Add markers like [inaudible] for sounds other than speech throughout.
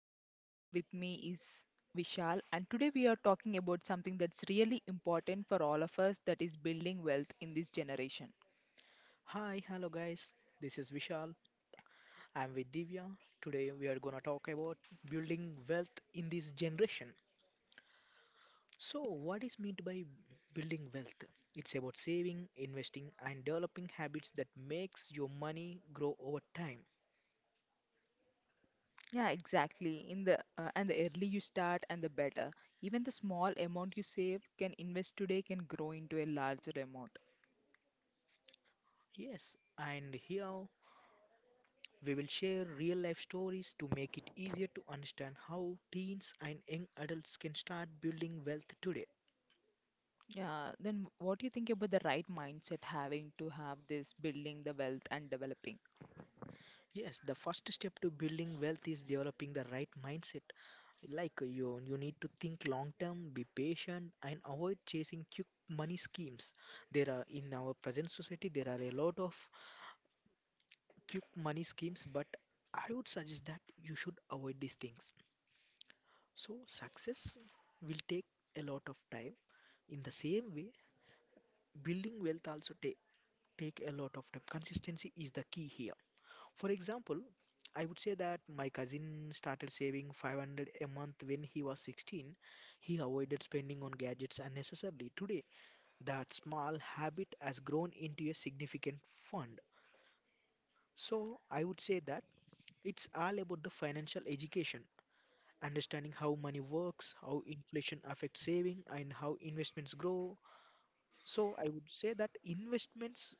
Kusuri and with me is Vishal, and today we are talking about something that's really important for all of us, that is building wealth in this generation. Hi, hello guys. This is Vishal. I'm with Divya. Today we are gonna talk about building wealth in this generation. So, what is meant by building wealth? It's about saving, investing, and developing habits that makes your money grow over time. Yeah, exactly. In the and the early you start and the better. Even the small amount you save can invest today can grow into a larger amount. Yes, and here we will share real life stories to make it easier to understand how teens and young adults can start building wealth today. Yeah, then what do you think about the right mindset having to have this building the wealth and developing? Yes, the first step to building wealth is developing the right mindset. Like you need to think long term, be patient, and avoid chasing quick money schemes. There are in our present society there are a lot of quick money schemes, but I would suggest that you should avoid these things. So success will take a lot of time. In the same way, building wealth also take a lot of time. Consistency is the key here. For example, I would say that my cousin started saving 500 a month when he was 16. He avoided spending on gadgets unnecessarily. Today, that small habit has grown into a significant fund. So, I would say that it's all about the financial education, understanding how money works, how inflation affects saving, and how investments grow. So, I would say that investments,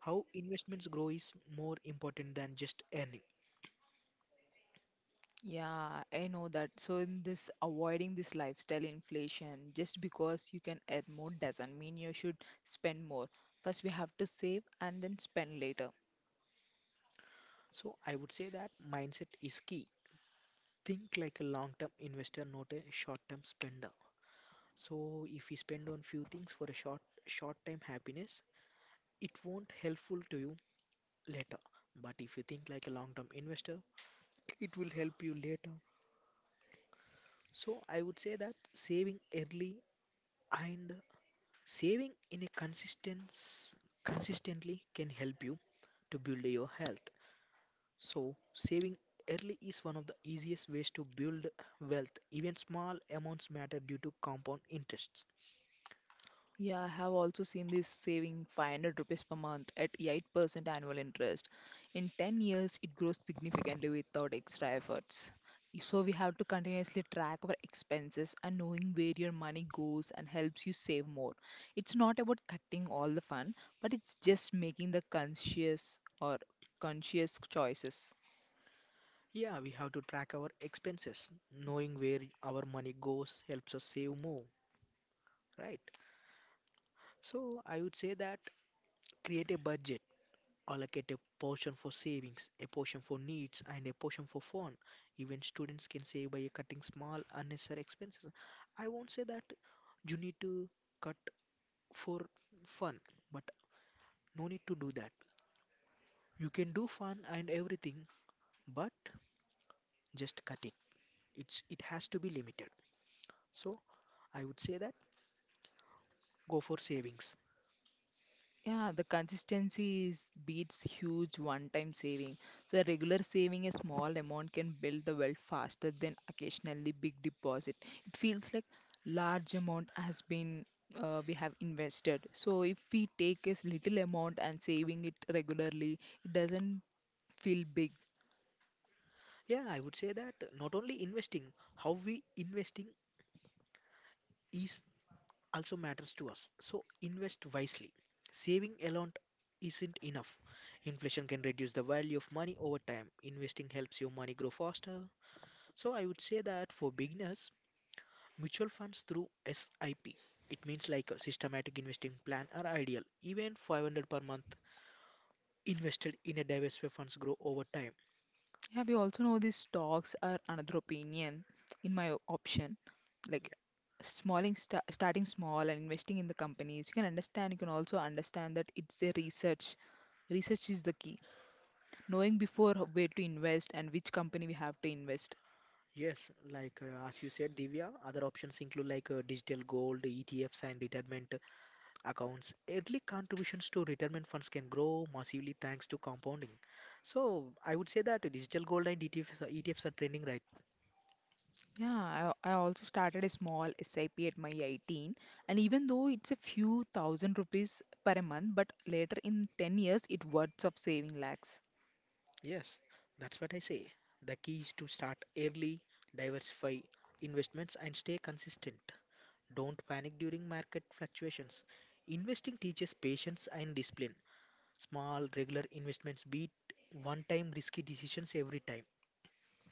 how investments grow is more important than just earning. Yeah, I know that. So in this avoiding this lifestyle inflation, just because you can earn more doesn't mean you should spend more. First we have to save and then spend later. So I would say that mindset is key. Think like a long-term investor, not a short-term spender. So if you spend on few things for a short-term happiness, it won't helpful to you later. But if you think like a long-term investor, it will help you later. So I would say that saving early and saving in a consistently can help you to build your health. So, saving early is one of the easiest ways to build wealth. Even small amounts matter due to compound interests. Yeah, I have also seen this saving 500 rupees per month at 8% annual interest. In 10 years, it grows significantly without extra efforts. So we have to continuously track our expenses and knowing where your money goes and helps you save more. It's not about cutting all the fun, but it's just making the conscious or conscious choices. Yeah, we have to track our expenses. Knowing where our money goes helps us save more, right? So, I would say that create a budget, allocate a portion for savings, a portion for needs, and a portion for fun. Even students can save by cutting small unnecessary expenses. I won't say that you need to cut for fun, but no need to do that. You can do fun and everything, but just cutting. It has to be limited. So I would say that go for savings. Yeah, the consistency is beats huge one-time saving. So a regular saving a small amount can build the wealth faster than occasionally big deposit. It feels like large amount has been we have invested. So if we take a little amount and saving it regularly, it doesn't feel big. Yeah, I would say that not only investing, how we investing is also matters to us. So invest wisely. Saving alone isn't enough. Inflation can reduce the value of money over time. Investing helps your money grow faster. So I would say that for beginners, Mutual funds through SIP. It means like a systematic investing plan are ideal. Even 500 per month invested in a diverse way funds grow over time. Yeah, we also know these stocks are another opinion, in my option. Like Yeah. smalling, sta starting small and investing in the companies, you can understand, you can also understand that it's a research. Research is the key. Knowing before where to invest and which company we have to invest. Yes, like as you said, Divya, other options include like digital gold, ETFs, and retirement accounts. Early contributions to retirement funds can grow massively thanks to compounding. So I would say that digital gold and ETFs, ETFs are trending right. Yeah, I also started a small SIP at my 18, and even though it's a few thousand rupees per month, but later in 10 years, it worths of saving lakhs. Yes, that's what I say. The key is to start early, diversify investments, and stay consistent. Don't panic during market fluctuations. Investing teaches patience and discipline. Small, regular investments beat one time risky decisions every time.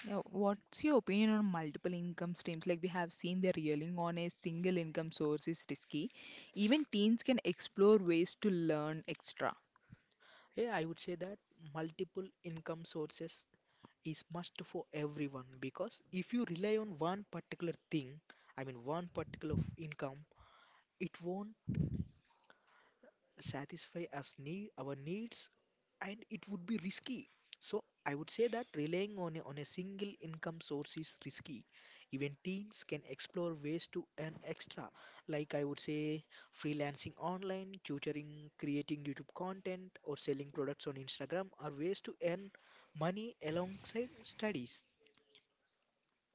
Yeah, what's your opinion on multiple income streams? Like we have seen the relying on a single income source is risky. Even teens can explore ways to learn extra. Yeah, I would say that multiple income sources is must for everyone because if you rely on one particular thing, I mean one particular income, it won't satisfy us need our needs and it would be risky. So I would say that relying on a single income source is risky. Even teens can explore ways to earn extra, like I would say, freelancing, online tutoring, creating YouTube content, or selling products on Instagram are ways to earn money alongside studies.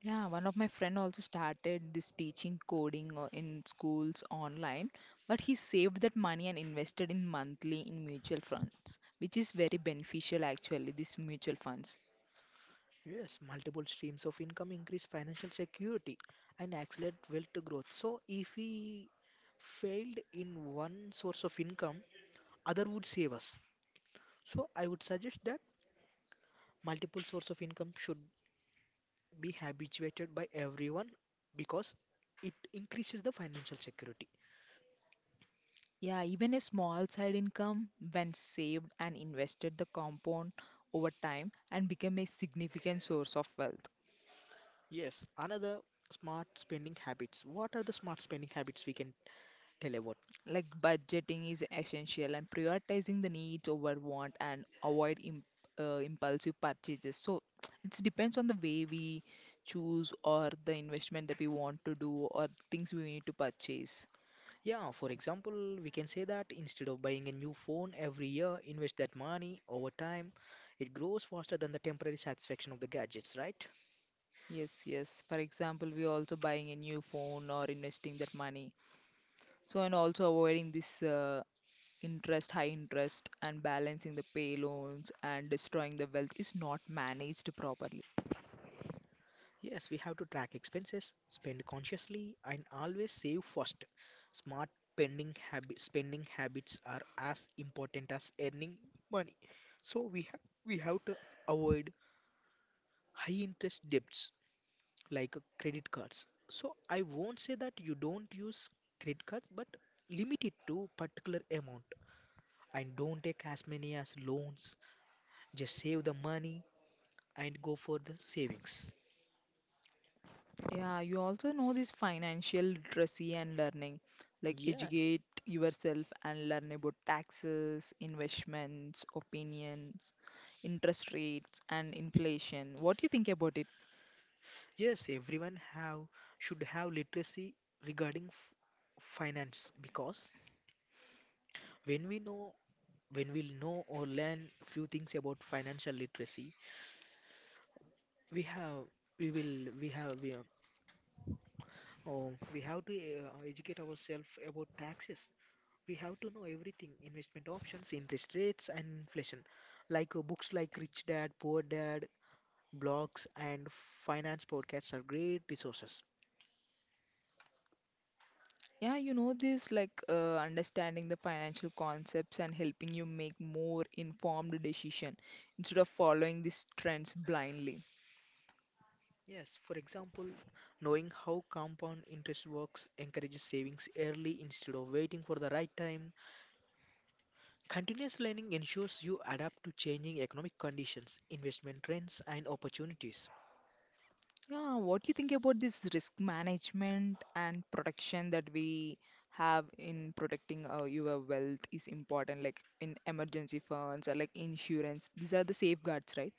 Yeah, one of my friend also started this teaching coding in schools online, but he saved that money and invested in monthly in mutual funds, which is very beneficial actually, these mutual funds. Yes, multiple streams of income increase financial security and accelerate wealth growth. So, if we failed in one source of income, other would save us. So, I would suggest that multiple source of income should be habituated by everyone because it increases the financial security. Yeah, even a small side income when saved and invested the compound over time and become a significant source of wealth. Yes, another smart spending habits. What are the smart spending habits we can tell about? Like budgeting is essential and prioritizing the needs over want and avoid impulsive purchases. So [tsk] it depends on the way we choose or the investment that we want to do or things we need to purchase. Yeah, for example, we can say that instead of buying a new phone every year, invest that money over time. It grows faster than the temporary satisfaction of the gadgets, right? Yes, yes. For example, we are also buying a new phone or investing that money. So, and also avoiding this interest, high interest, and balancing the pay loans and destroying the wealth is not managed properly. Yes, we have to track expenses, spend consciously, and always save first. Smart spending habits are as important as earning money. So we have to avoid high interest debts like credit cards. So I won't say that you don't use credit cards, but limit it to particular amount and don't take as many as loans. Just save the money and go for the savings. Yeah, you also know this financial literacy and learning, like Yeah, educate yourself and learn about taxes, investments, opinions, interest rates, and inflation. What do you think about it? yes, everyone have should have literacy regarding f finance, because when we know, when we know or learn few things about financial literacy, we have we will we have we, oh, we have to educate ourselves about taxes. We have to know everything: investment options, interest rates, and inflation. Like books like Rich Dad Poor Dad, blogs, and finance podcasts are great resources. Yeah, you know this, understanding the financial concepts and helping you make more informed decision instead of following these trends blindly. Yes, for example, knowing how compound interest works encourages savings early instead of waiting for the right time. Continuous learning ensures you adapt to changing economic conditions, investment trends, and opportunities. Yeah, what do you think about this risk management and protection that we have in protecting your wealth is important, like in emergency funds or like insurance. These are the safeguards, right?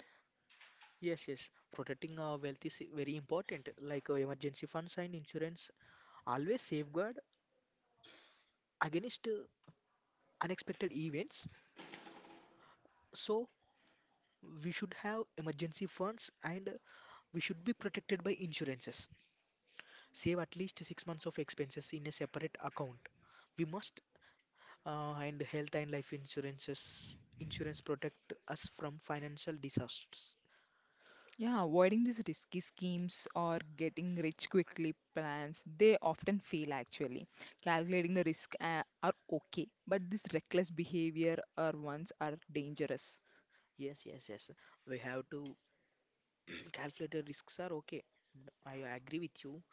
Yes, yes, protecting our wealth is very important. Like emergency funds and insurance always safeguard against unexpected events. So we should have emergency funds and we should be protected by insurances. Save at least 6 months of expenses in a separate account. We must and health and life insurance protect us from financial disasters. Yeah, avoiding these risky schemes or getting rich quickly plans, they often fail actually. Calculating the risk are okay, but this reckless behavior are ones are dangerous. Yes, yes, yes. We have to [clears throat] calculate the risks are okay. I agree with you.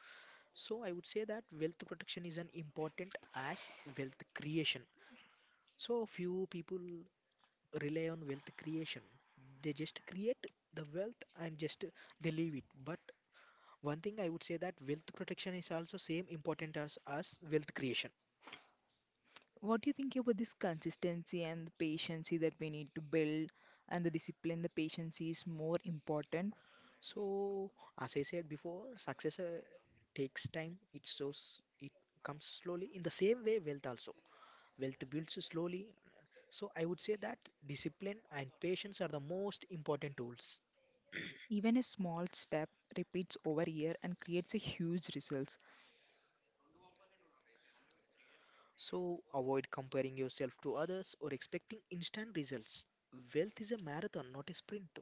So I would say that wealth protection is an important as wealth creation. So few people rely on wealth creation. They just create the wealth and just they leave it. But one thing I would say that wealth protection is also same important as wealth creation. What do you think about this consistency and the patience that we need to build and the discipline, the patience is more important. So as I said before, success takes time. It comes slowly. In the same way, wealth builds slowly. So I would say that discipline and patience are the most important tools. Even a small step repeats over a year and creates a huge results. So avoid comparing yourself to others or expecting instant results. Wealth is a marathon, not a sprint.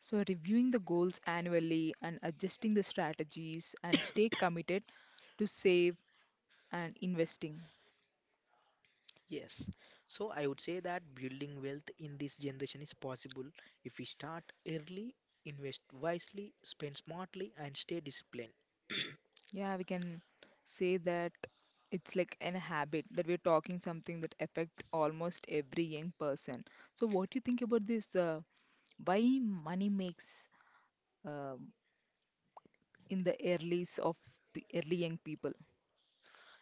So reviewing the goals annually and adjusting the strategies and stay committed to save and investing. Yes. So I would say that building wealth in this generation is possible if we start early, invest wisely, spend smartly, and stay disciplined. Yeah, we can say that it's like an habit that we're talking something that affects almost every young person. So what do you think about this why money makes um, in the earlys of early young people.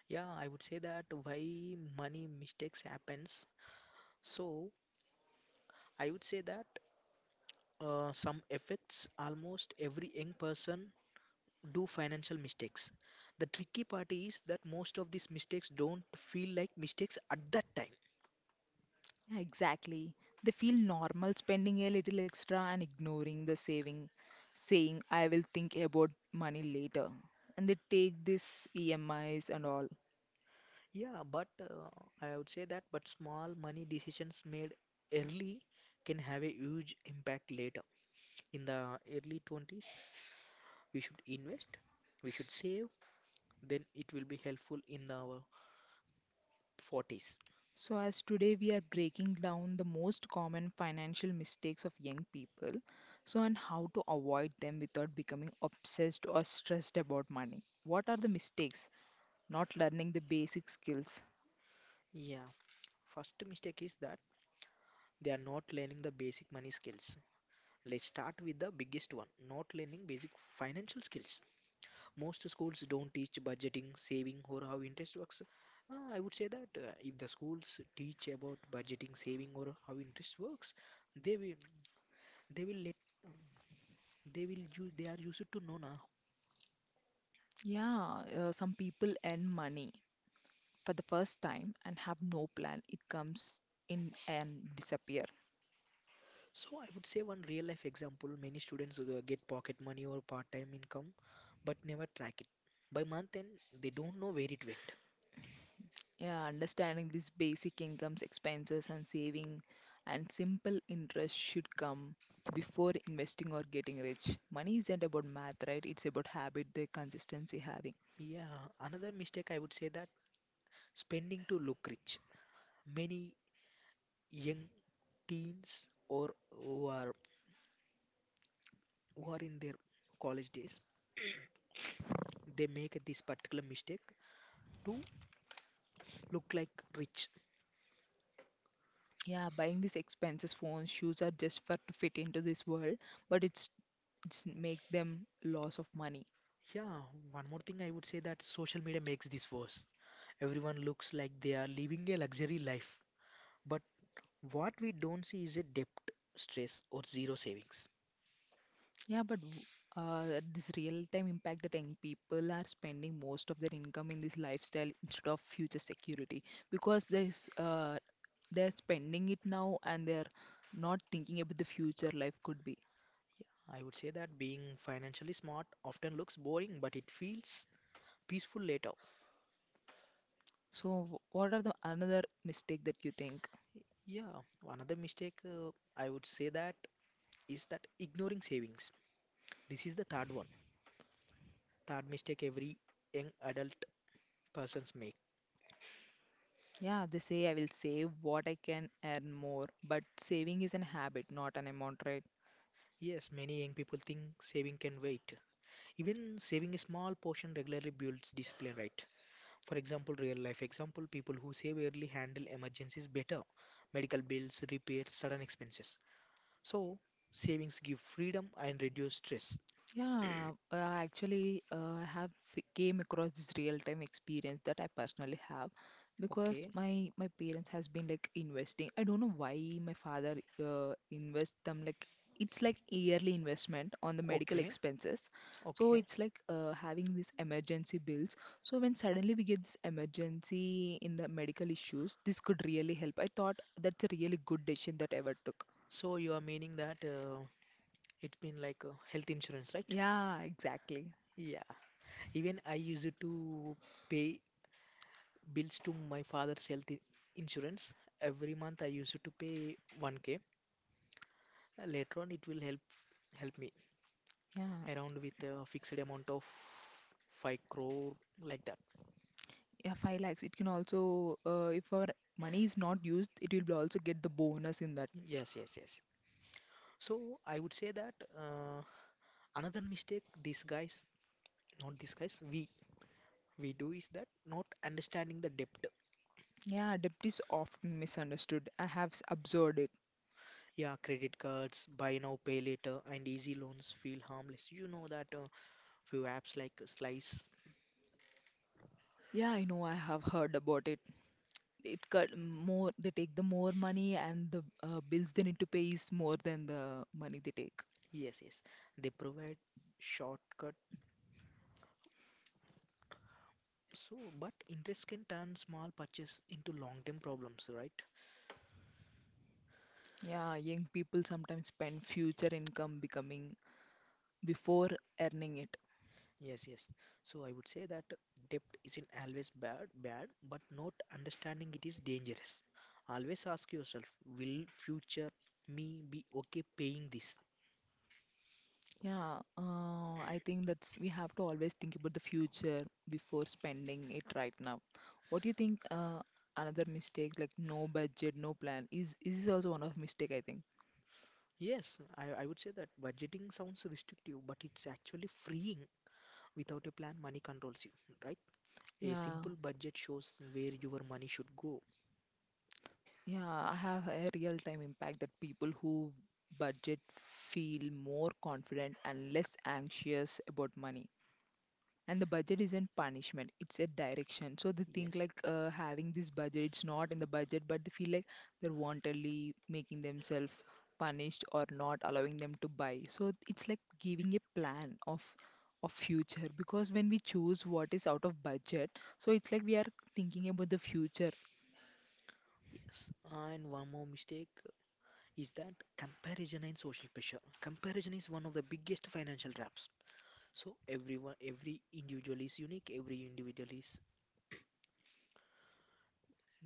Yeah, I would say that why money mistakes happens. So I would say that some effects almost every young person do financial mistakes. The tricky part is that most of these mistakes don't feel like mistakes at that time. Exactly. They feel normal spending a little extra and ignoring the saving, saying, I will think about money later. And they take this EMIs and all. Yeah, but I would say that, but small money decisions made early can have a huge impact later. In the early 20s, we should invest, we should save, then it will be helpful in our 40s. So, as today we are breaking down the most common financial mistakes of young people, so and how to avoid them without becoming obsessed or stressed about money. What are the mistakes? Not learning the basic skills. Yeah, first mistake is that they are not learning the basic money skills. Let's start with the biggest one, not learning basic financial skills. Most schools don't teach budgeting, saving, or how interest works. I would say that if the schools teach about budgeting, saving, or how interest works, they will they will let they are used to know now. Yeah, some people earn money for the first time and have no plan. It comes in and disappear. So I would say one real life example: many students get pocket money or part time income, but never track it. By month end, they don't know where it went. Yeah, understanding these basic incomes, expenses, and saving and simple interest should come before investing or getting rich. Money isn't about math, right? It's about habit, the consistency having. Yeah, another mistake I would say that spending to look rich. Many young teens or who are in their college days they make this particular mistake to look like rich. Yeah, buying these expenses, phones, shoes are just for to fit into this world, but it's make them loss of money. Yeah, one more thing I would say that social media makes this worse. Everyone looks like they are living a luxury life, but what we don't see is a debt, stress, or zero savings. Yeah, but this real-time impact that young people are spending most of their income in this lifestyle instead of future security because there is they're spending it now and they're not thinking about the future life could be. Yeah, I would say that being financially smart often looks boring, but it feels peaceful later. So, what are the another mistake that you think? Yeah, another mistake I would say that is that ignoring savings. This is the third one, third mistake every young adult persons make. Yeah, they say I will save what I can earn more, but saving is an habit, not an amount, right? Yes, many young people think saving can wait. Even saving a small portion regularly builds discipline, right? For example, real life example, people who save early handle emergencies better: medical bills, repairs, sudden expenses. So, savings give freedom and reduce stress. Yeah, actually, I have came across this real-time experience that I personally have because Okay, my parents has been like investing. I don't know why my father invest them like it's like yearly investment on the medical okay, expenses. So okay. it's like having these emergency bills. So when suddenly we get this emergency in the medical issues, this could really help. I thought that's a really good decision that ever took. So you are meaning that it's been like health insurance, right? Yeah, exactly. Yeah. Even I used to pay bills to my father's insurance. Every month I used to pay 1k. Later on, it will help me Yeah. around with a fixed amount of 5 crore like that. Yeah, 5 lakhs, it can also, if our money is not used, it will also get the bonus in that. Yes, yes, yes. So I would say that another mistake these guys, not these guys, we do is that not understanding the depth. Yeah, debt is often misunderstood. I have observed it. Yeah, credit cards, buy now, pay later, and easy loans feel harmless. You know that few apps like Slice, Yeah, I know, I have heard about it. It cut more, they take the more money, and the bills they need to pay is more than the money they take. yes, yes, they provide shortcut. So, but interest can turn small purchase into long-term problems, right? Yeah, young people sometimes spend future income becoming before earning it. Yes, yes. So I would say that depth isn't always bad, but not understanding it is dangerous. Always ask yourself, will future me be okay paying this? Yeah, I think that's we have to always think about the future before spending it right now. What do you think? Another mistake like no budget, no plan is also one of mistake I think. Yes, I would say that budgeting sounds restrictive, but it's actually freeing. Without a plan, money controls you, right? A Yeah, simple budget shows where your money should go. yeah, I have a real time impact that people who budget feel more confident and less anxious about money. And the budget isn't punishment, it's a direction, so they think Yes. like having this budget, it's not in the budget, but they feel like they're wantonly making themselves punished or not allowing them to buy, so it's like giving a plan of future because when we choose what is out of budget, so it's like we are thinking about the future. Yes, and one more mistake is that comparison and social pressure. Comparison is one of the biggest financial traps. So everyone, every individual is unique, every individual is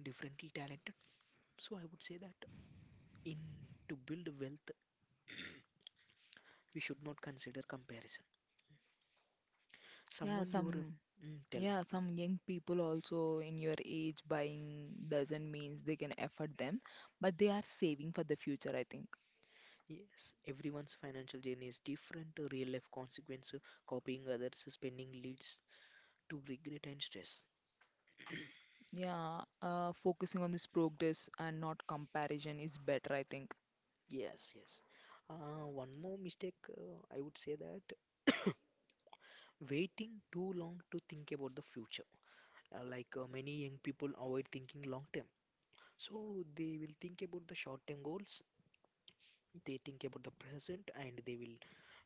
differently talented. So I would say that in to build wealth, [clears throat] we should not consider comparison. Yeah, Someone your some, tell yeah, me. some young people also in your age buying doesn't means they can afford them, but they are saving for the future I think. Yes, everyone's financial journey is different. Real life consequence, copying others, spending leads to regret and stress. Yeah, focusing on this progress and not comparison is better, I think. Yes, yes. One more mistake, I would say that waiting too long to think about the future. Like many young people avoid thinking long term. So they will think about the short-term goals, they think about the present, and they will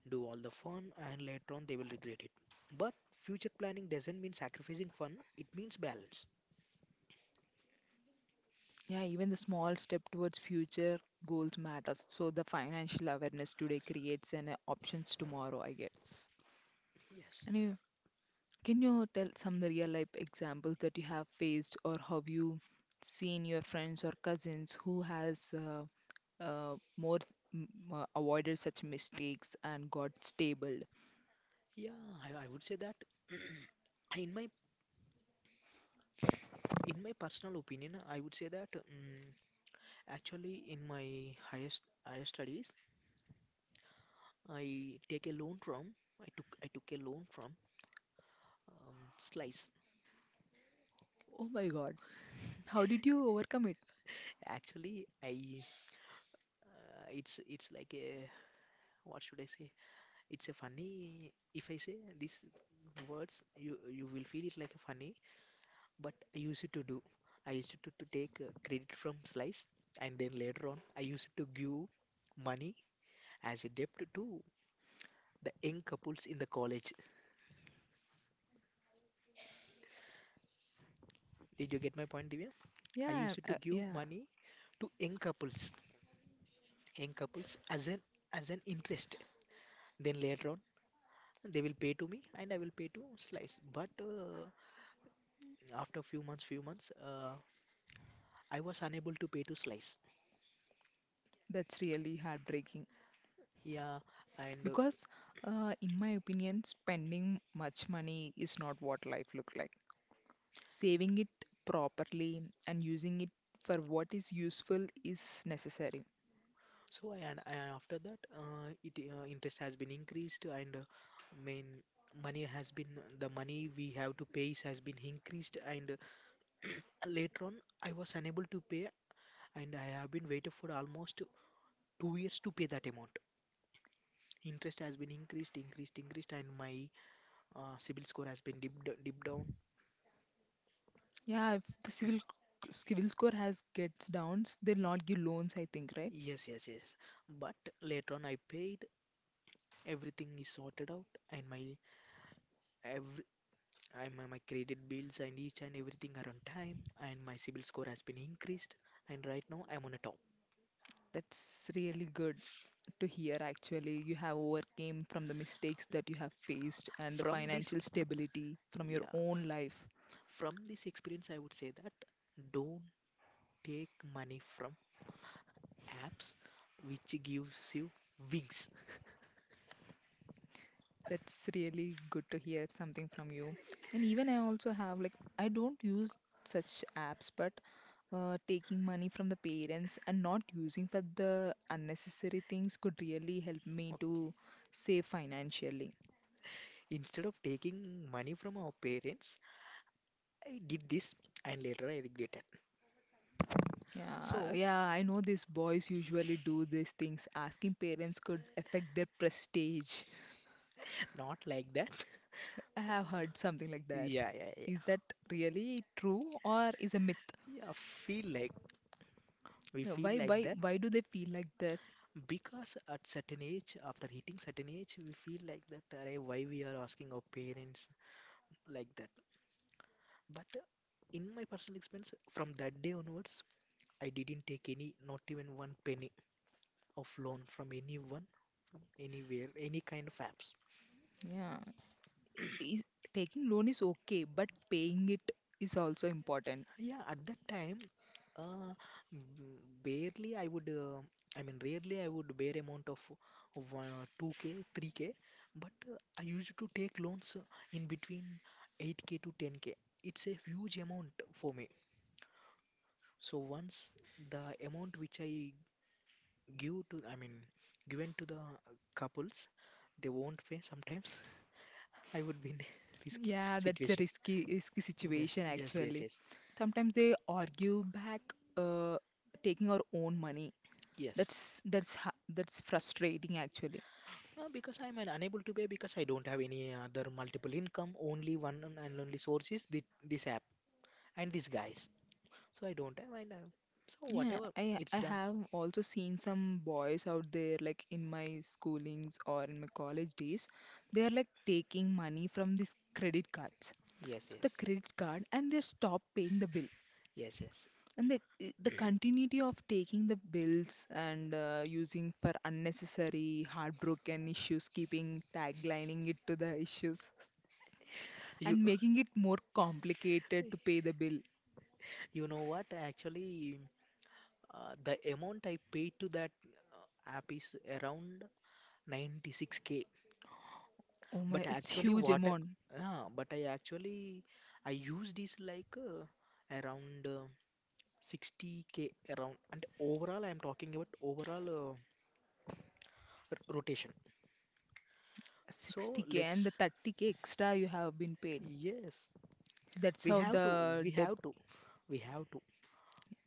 do all the fun, and later on they will regret it. But future planning doesn't mean sacrificing fun, it means balance. Yeah, even the small step towards future goals matters. So the financial awareness today creates an options tomorrow, I guess. Yes. And you, can you tell some real life examples that you have faced or have you seen your friends or cousins who has more mm, avoided such mistakes and got stable? Yeah, I would say that. [clears throat] In my in my personal opinion, I would say that actually in my highest higher studies, I take a loan from I took a loan from Slice. Oh my God, how did you overcome it? Actually, I, it's like a what should I say? It's a funny, if I say these words, you will feel it like a funny, but I used to do. I used to take credit from Slice, and then later on, I used to give money as a debt to the young couples in the college. Did you get my point, Divya? I Yeah, used to give yeah. money to young couples as an interest. Then later on, they will pay to me, and I will pay to Slice. But after few months, I was unable to pay to Slice. That's really heartbreaking Yeah, and because, in my opinion, spending much money is not what life look like. Saving it properly and using it for what is useful is necessary. so and after that, it interest has been increased, and main money has been the money we have to has been increased, and uh, [clears throat] later on I was unable to pay, and I have been waited for almost 2 years to pay that amount. Interest has been increased, and my CIBIL score has been dipped, dipped down. Yeah, if the civil civil score has gets downs, they'll not give loans, I think, right? Yes, yes, yes. But later on, I paid everything is sorted out and my every my credit bills and each and everything are on time and my CIBIL score has been increased and right now I'm on a top. That's really good to hear actually. You have overcame from the mistakes that you have faced and the From this financial stability from your yeah, own life. from this experience I would say that don't take money from apps which gives you wings. That's really good to hear something from you. And even I also have like I don't use such apps, but taking money from the parents and not using for the unnecessary things could really help me Okay. to save financially. Instead of taking money from our parents, I did this and later I regretted. Yeah, So yeah, I know these boys usually do these things. Asking parents could affect their prestige. not like that. [laughs] I have heard something like that. Yeah, yeah, yeah. Is that really true or is a myth? Yeah, feel like we Yeah, feel why, like that. why do they feel like that? Because at certain age, after hitting certain age, we feel like that, "Arey, why we are asking our parents like that. But in my personal experience, from that day onwards, I didn't take any, not even one penny of loan from anyone, from anywhere, any kind of apps. Yeah. Is, taking loan is okay, but paying it is also important. Yeah, at that time, uh, barely I would, I mean, rarely I would bear amount of 2K, 3K, but I used to take loans in between 8K to 10K. It's a huge amount for me. So once the amount which I give to, I mean, given to the couples, they won't pay sometimes. [laughs] I would be in a [laughs] risky Yeah, that's a situation. risky Yes, situation yes, yes, actually. yes, Sometimes they argue back uh, taking our own money. yes. That's frustrating actually. Because unable to pay because I don't have any other multiple income, only one and only source is this app and these guys. So I don't have and so Yeah, whatever it's I done. have also seen some boys out there like in my schoolings or in my college days. They are like taking money from these credit cards. Yes, So the yes, credit card and they stop paying the bill. yes, yes. And the continuity of taking the bills and using for unnecessary heartbroken issues, keeping taglining it to the issues You and making it more complicated to pay [laughs] the bill. you know what? Actually, the amount I paid to that app is around 96K. Oh my, But it's actually, huge what? amount, I, but I actually I used is like around 60K around. And overall, I'm talking about overall. Rotation. So 60k and the let's 30k extra you have been paid. yes, That's we how have to the we debt. have to we have to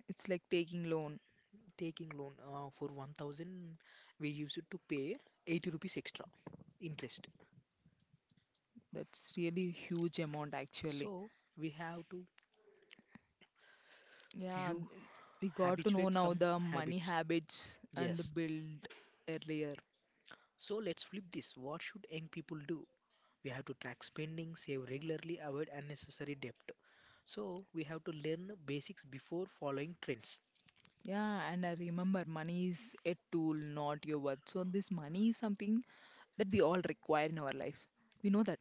It's like taking loan. taking loan for 1000 we use it to pay 80 rupees extra interest. That's really huge amount actually. So we have to Yeah, you we got to know habituate now some the money habits. habits and the Yes. build earlier. So let's flip this. What should young people do? We have to track spending, save regularly, avoid unnecessary debt. So we have to learn basics before following trends. Yeah, and I remember money is a tool, not your worth. So, this money is something that we all require in our life. We know that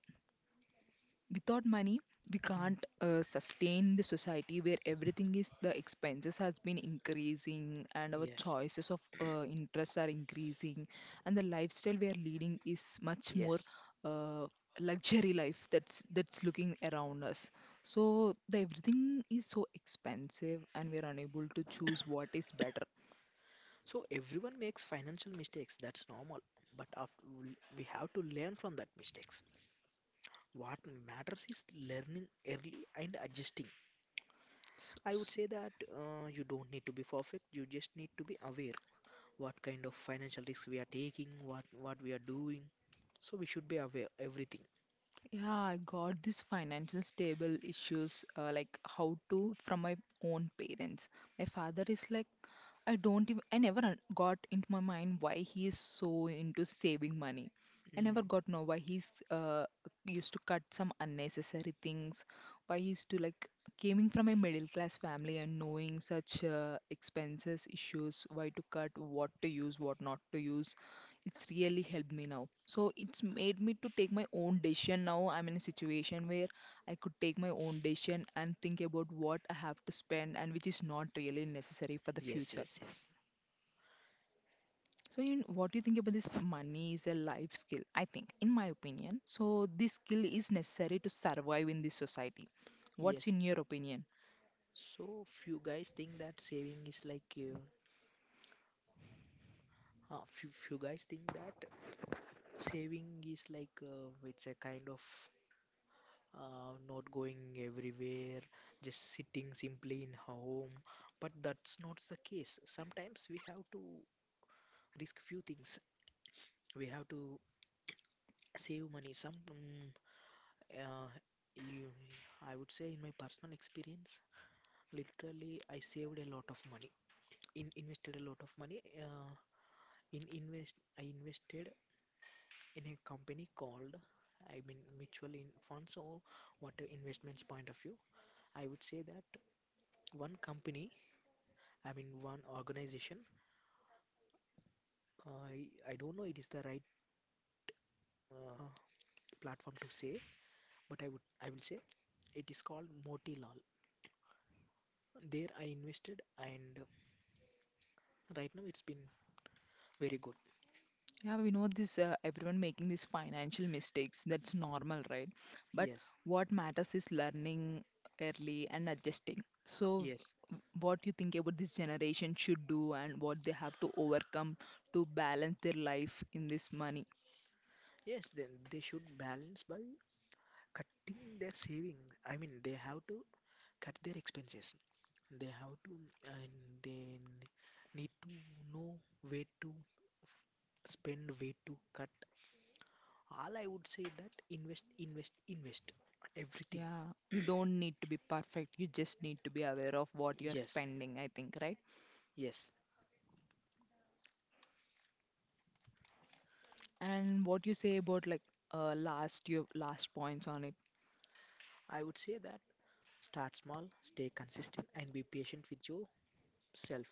without money, we Mm, can't sustain the society where everything is the expenses has been increasing and our yes, choices of interests are increasing and the lifestyle we are leading is much more yes. uh, luxury life that's looking around us. So the everything is so expensive and we are unable to choose what is better. So everyone makes financial mistakes, that's normal. But after we have to learn from that mistakes. What matters is learning early and adjusting. So, I would say that you don't need to be perfect. You just need to be aware what kind of financial risks we are taking, what we are doing. So we should be aware everything. yeah, I got this financial stable issues, like how to from my own parents. My father is like I don't even, I never got into my mind why he is so into saving money. I never Mm, got know why he's used to cut some unnecessary things, why he used to like coming from a middle class family and knowing such expenses issues, why to cut, what to use, what not to use. It's really helped me now. So it's made me to take my own decision now. I'm in a situation where I could take my own decision and think about what I have to spend and which is not really necessary for the yes, future. yes, yes, So, you, what do you think about this? Money is a life skill, I think, in my opinion. So, this skill is necessary to survive in this society. What's yes. in your opinion? So few guys think that saving is like. Few guys think that saving is like it's a kind of not going everywhere, just sitting simply in home. But that's not the case. Sometimes we have to risk few things. We have to save money. Some, uh, you, I would say, in my personal experience, literally I saved a lot of money. In invested a lot of money. I invested in a company called. I mean, mutual in funds or what investments point of view, I would say that one company I am in one organization. I don't know it is the right uh, platform to say, but I will say it is called Motilal. There I invested, and right now it's been very good. Yeah, we know this, everyone making these financial mistakes. That's normal, right? But Yes, what matters is learning early and adjusting. So, yes, what do you think about this generation should do and what they have to overcome to balance their life in this money? yes. Then they should balance by cutting their saving. I mean, they have to cut their expenses. They have to, and they need to know where to spend, where to cut, all I would say that invest, invest, invest everything. Yeah, you don't need to be perfect. You just need to be aware of what you're Yes, spending, I think, right? yes. And what you say about like last your last points on it. I would say that start small, stay consistent, and be patient with yourself.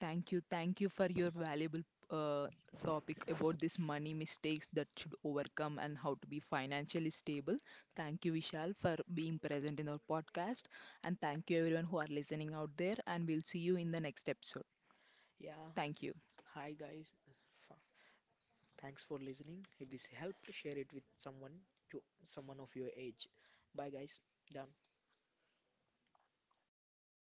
Thank you for your valuable uh, topic about this money mistakes that should overcome and how to be financially stable. Thank you, Vishal, for being present in our podcast, and thank you everyone who are listening out there. And we'll see you in the next episode. Yeah. Thank you. Hi guys. F- thanks for listening. If this helped, share it with someone, you, someone of your age. Bye guys. Done.